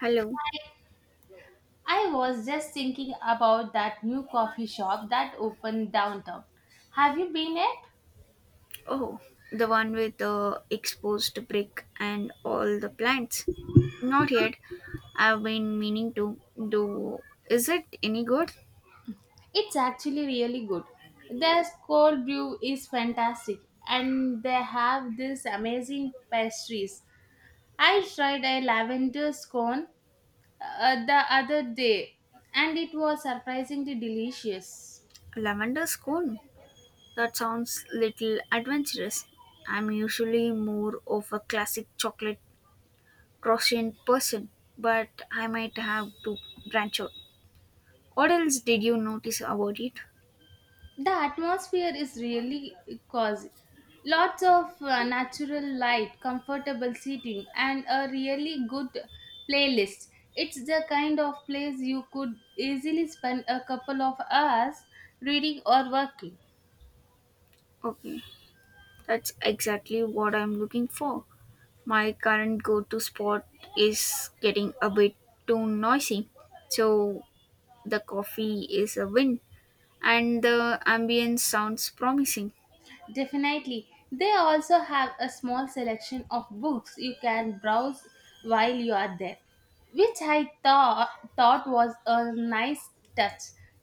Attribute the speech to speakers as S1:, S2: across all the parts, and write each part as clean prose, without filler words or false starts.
S1: Hello.
S2: I was just thinking about that new coffee shop that opened downtown. Have you been yet?
S1: Oh, the one with the exposed brick and all the plants. Not yet. I've been meaning to do. Is it any good?
S2: It's actually really good. Their cold brew is fantastic and they have these amazing pastries. I tried a lavender scone the other day and it was surprisingly delicious.
S1: Lavender scone. That sounds little adventurous. I'm usually more of a classic chocolate croissant person, but I might have to branch out. What else did you notice about it?
S2: The atmosphere is really cozy. Lots of natural light, comfortable seating, and a really good playlist. It's the kind of place you could easily spend a couple of hours reading or working.
S1: Okay, that's exactly what I'm looking for. My current go to spot is getting a bit too noisy, so the coffee is a win and the ambience sounds promising.
S2: Definitely. They also have a small selection of books you can browse while you are there, which I thought was a nice touch,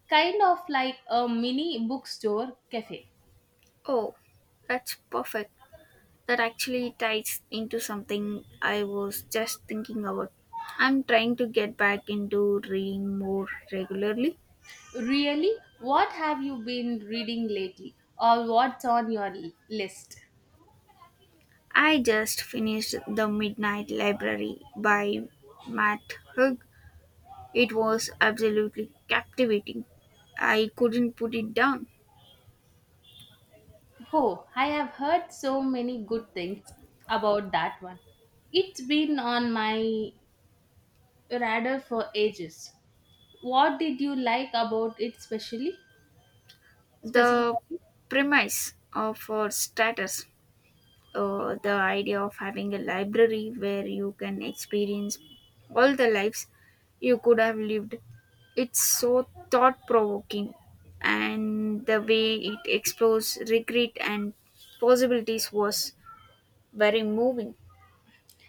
S2: kind of like a mini bookstore cafe.
S1: Oh, that's perfect. That actually ties into something I was just thinking about. I'm trying to get back into reading more regularly.
S2: Really? What have you been reading lately? Or what's on your list?
S1: I just finished The Midnight Library by Matt Hug. It was absolutely captivating. I couldn't put it down.
S2: Oh, I have heard so many good things about that one. It's been on my radar for ages. What did you like about it specially?
S1: The
S2: Specifically?
S1: premise of our status, the idea of having a library where you can experience all the lives you could have lived, it's so thought provoking. And the way it explores regret and possibilities was very moving.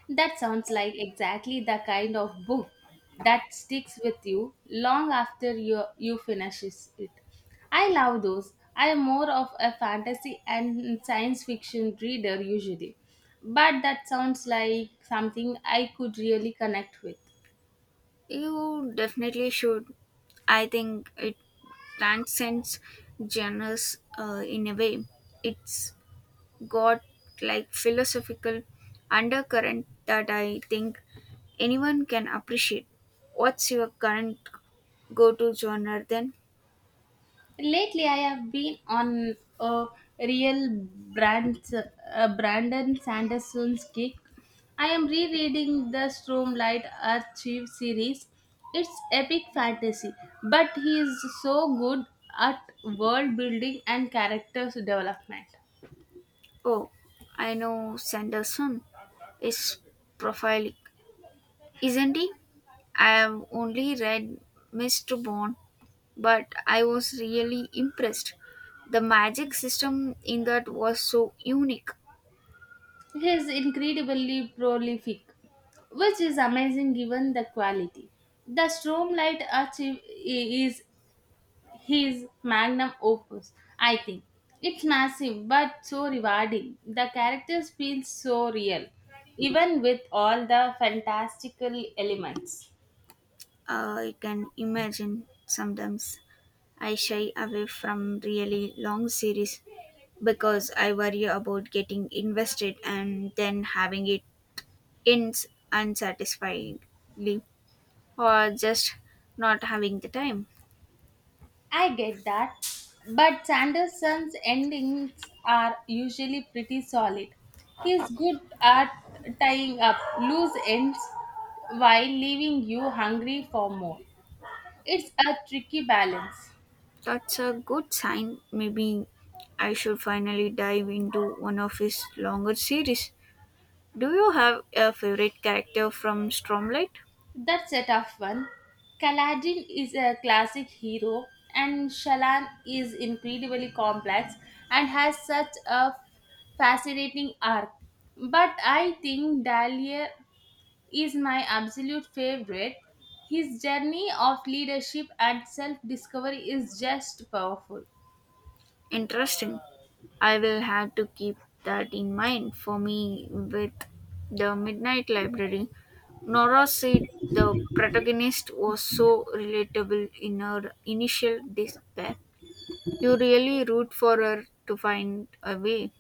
S2: That sounds like exactly the kind of book that sticks with you long after you finishes it. I love those. I am more of a fantasy and science fiction reader usually, but that sounds like something I could really connect with.
S1: You definitely should. I think it transcends genres in a way. It's got like philosophical undercurrent that I think anyone can appreciate. What's your current go to genre then?
S2: Lately, I have been on a real Brandon Sanderson's kick. I am rereading the Stormlight Archive series. It's epic fantasy, but he is so good at world building and characters development.
S1: Oh, I know Sanderson is prophilic, isn't he? I have only read Mr. Bond but I was really impressed. The magic system in that was so unique.
S2: He is incredibly prolific, which is amazing given the quality. The Stormlight Archive is his magnum opus, I think. It's massive but so rewarding. The characters feel so real, even with all the fantastical elements.
S1: I can imagine sometimes I shy away from really long series because I worry about getting invested and then having it ends unsatisfyingly or just not having the time.
S2: I get that, but Sanderson's endings are usually pretty solid. He's good at tying up loose ends while leaving you hungry for more. It's a tricky balance.
S1: That's a good sign. Maybe I should finally dive into one of his longer series. Do you have a favorite character from Stormlight?
S2: That's a tough one. Kaladin is a classic hero, and Shalan is incredibly complex and has such a fascinating arc. But I think Dalier is my absolute favorite. His journey of leadership and self discovery is just powerful.
S1: Interesting. I will have to keep that in mind for me with the Midnight Library. Nora said the protagonist was so relatable in her initial despair. You really root for her to find a way.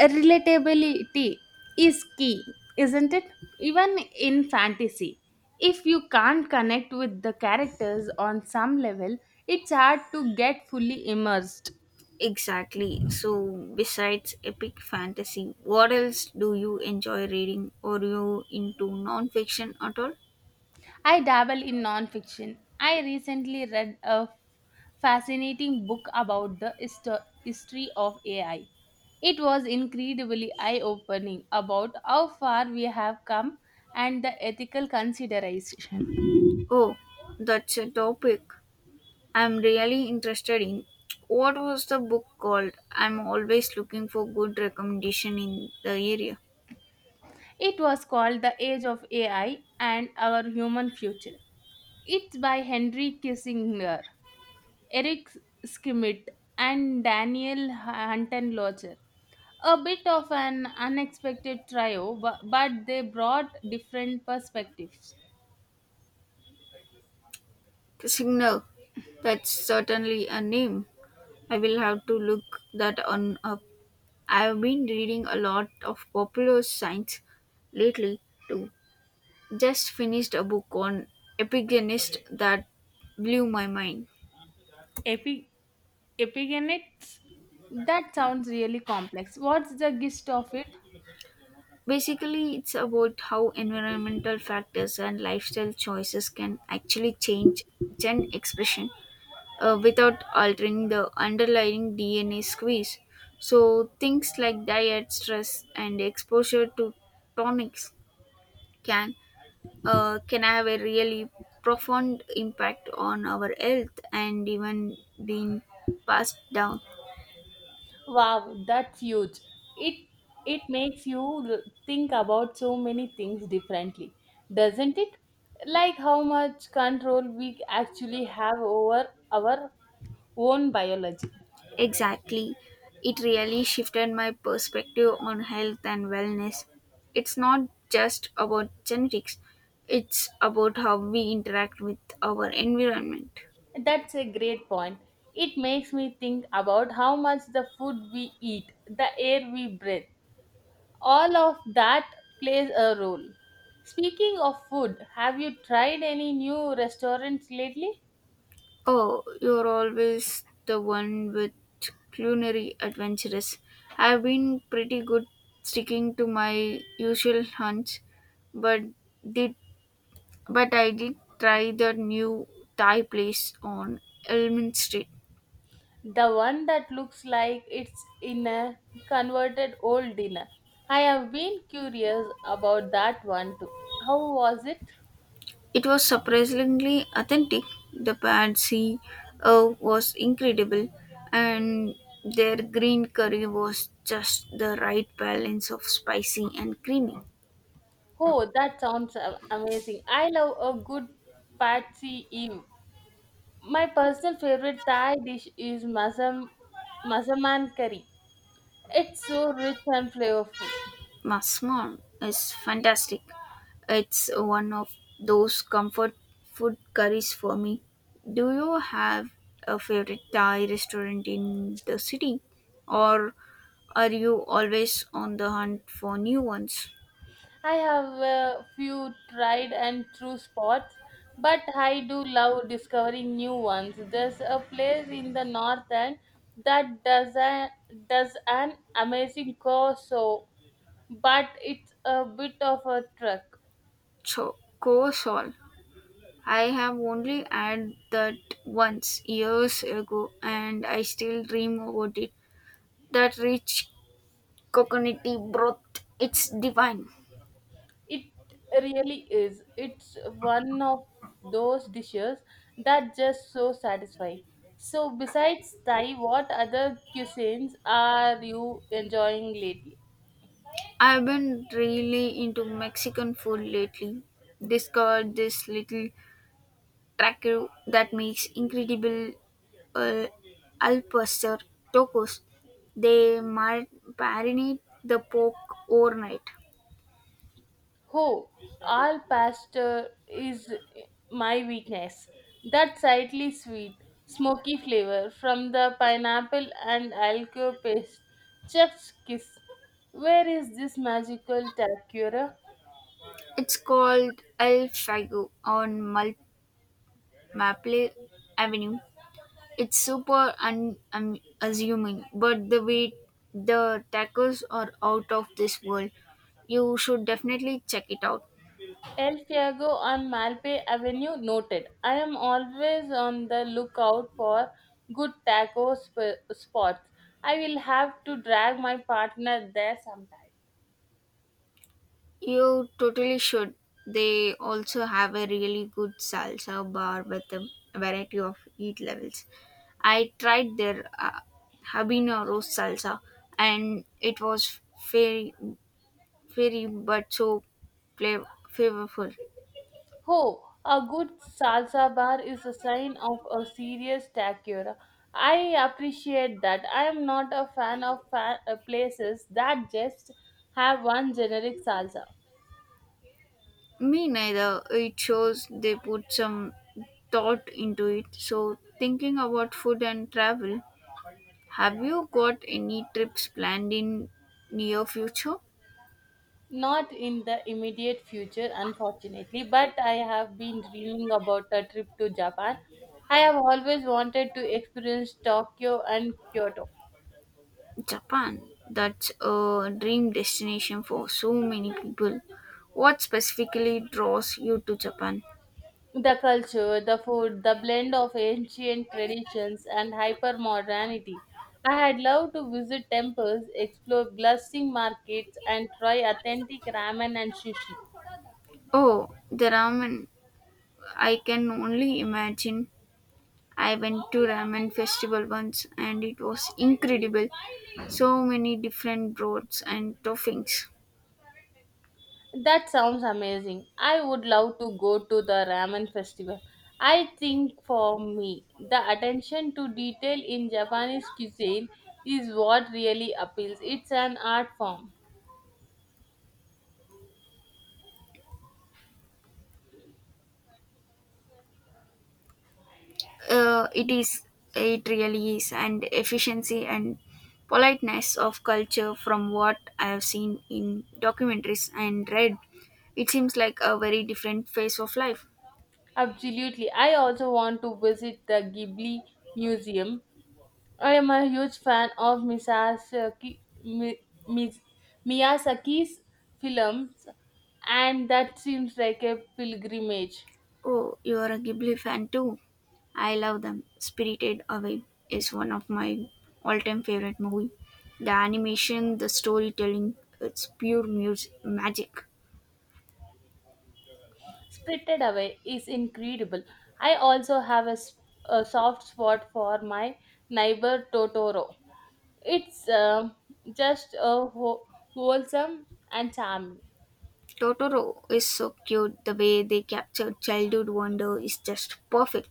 S2: Relatability is key, isn't it? Even in fantasy, if you can't connect with the characters on some level, it's hard to get fully immersed.
S1: Exactly. So, besides epic fantasy, what else do you enjoy reading? Or you into non fiction at all?
S2: I dabble in nonfiction. I recently read a fascinating book about the history of AI. It was incredibly eye opening about how far we have come and the ethical consideration.
S1: Oh, that's a topic I'm really interested in. What was the book called? I'm always looking for good recommendation in the area.
S2: It was called The Age of AI and Our Human Future. It's by Henry Kissinger, Eric Schmidt, and Daniel Hunton Lodger. A bit of an unexpected trio, but they brought different perspectives.
S1: The Signal. That's certainly a name. I will have to look that on up. I've been reading a lot of popular science lately too. Just finished a book on epigenist that blew my mind.
S2: That sounds really complex. What's the gist of it?
S1: Basically, it's about how environmental factors and lifestyle choices can actually change gene expression without altering the underlying DNA squeeze. So, things like diet, stress, and exposure to tonics can can have a really profound impact on our health and even being passed down.
S2: Wow, that's huge. It it makes you think about so many things differently, doesn't it? Like how much control we actually have over our own biology.
S1: Exactly. It really shifted my perspective on health and wellness. It's not just about genetics, it's about how we interact with our environment.
S2: That's a great point. It makes me think about how much the food we eat, the air we breathe, all of that plays a role. Speaking of food, have you tried any new restaurants lately?
S1: Oh, you're always the one with culinary adventures. I've been pretty good sticking to my usual hunts, but did but I did try the new Thai place on Elmin Street.
S2: The one that looks like it's in a converted old dinner. I have been curious about that one too. How was it?
S1: It was surprisingly authentic. The patsy was incredible, and their green curry was just the right balance of spicy and creamy.
S2: Oh, that sounds amazing. I love a good patsy Eve. My personal favorite Thai dish is masaman curry. It's so rich and flavorful.
S1: Masmam is fantastic. It's one of those comfort food curries for me. Do you have a favorite Thai restaurant in the city, or are you always on the hunt for new ones?
S2: I have a few tried and true spots, but I do love discovering new ones. There's a place in the north end that does an amazing corso, but it's a bit of a trek.
S1: Cho- Koh Sol I have only had that once years ago and I still dream about it. That rich coconutty broth, it's divine.
S2: It really is. It's one of those dishes that just so satisfying. So besides Thai, what other cuisines are you enjoying lately?
S1: I've been really into Mexican food lately. Discovered this little tracker that makes incredible uh, al pastor tacos. They marinate the pork overnight.
S2: Ho, all pasta is my weakness. That slightly sweet, smoky flavor from the pineapple and alco paste. Chef's kiss. Where is this magical tercura?
S1: It's called El Fago on Maple Avenue. It's super un assuming, but the way the tacos are out of this world. You should definitely check it out.
S2: El Fiago on Malpe Avenue noted. I am always on the lookout for good taco spots. I will have to drag my partner there sometime.
S1: You totally should. They also have a really good salsa bar with a variety of heat levels. I tried their habanero salsa and it was very, very but so flavorful.
S2: Oh, a good salsa bar is a sign of a serious takura. I appreciate that. I am not a fan of places that just have one generic salsa.
S1: Me neither. It shows they put some thought into it. So, thinking about food and travel, have you got any trips planned in near future?
S2: Not in the immediate future, unfortunately, but I have been dreaming about a trip to Japan. I have always wanted to experience Tokyo and Kyoto.
S1: Japan. That's a dream destination for so many people. What specifically draws you to Japan?
S2: The culture, the food, the blend of ancient traditions and hypermodernity. I had loved to visit temples, explore bustling markets, and try authentic ramen and sushi.
S1: Oh, the ramen. I can only imagine. I went to ramen festival once and it was incredible. So many different broths and toppings.
S2: That sounds amazing. I would love to go to the ramen festival. I think for me, the attention to detail in Japanese cuisine is what really appeals. It's an art form.
S1: Uh, it is it really is and efficiency and politeness of culture from what I have seen in documentaries and read. It seems like a very different phase of life.
S2: Absolutely. I also want to visit the Ghibli Museum. I am a huge fan of Mi- Miyazaki's films, and that seems like a pilgrimage.
S1: Oh, you're a Ghibli fan too? I love them. Spirited Away is one of my all-time favorite movie. The animation, the storytelling, it's pure music, magic.
S2: Spirited Away is incredible. I also a soft spot for my neighbor Totoro. It's just a who wholesome and charming.
S1: Totoro is so cute. The way they capture childhood wonder is just perfect.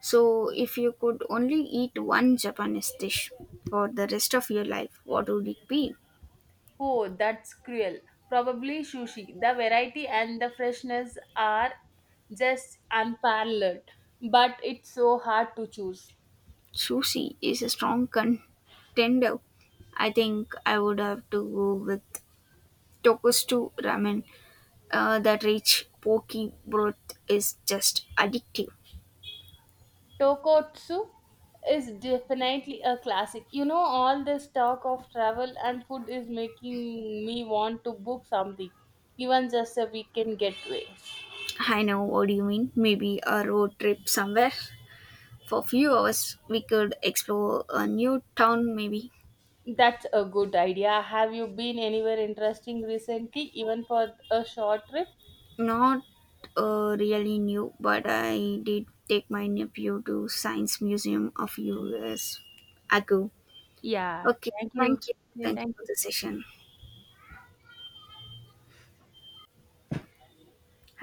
S1: So, if you could only eat one Japanese dish for the rest of your life, what would it be?
S2: Oh, that's cruel. Probably sushi. The variety and the freshness are just unparalleled, but it's so hard to choose.
S1: Sushi is a strong contender. I think I would have to go with tokusatsu ramen that rich pokey broth is just addictive.
S2: Tokotsu is definitely a classic. You know, all this talk of travel and food is making me want to book something, even just a weekend getaway.
S1: I know what do you mean, maybe a road trip somewhere for a few hours we could explore a new town maybe.
S2: That's a good idea. Have you been anywhere interesting recently, even for a short trip?
S1: Not really new but I did take my nephew to science museum a few years ago.
S2: Yeah,
S1: Okay,
S2: thank you.
S1: thank you.
S2: Yeah,
S1: Thank you
S2: thank
S1: for the
S2: you.
S1: session.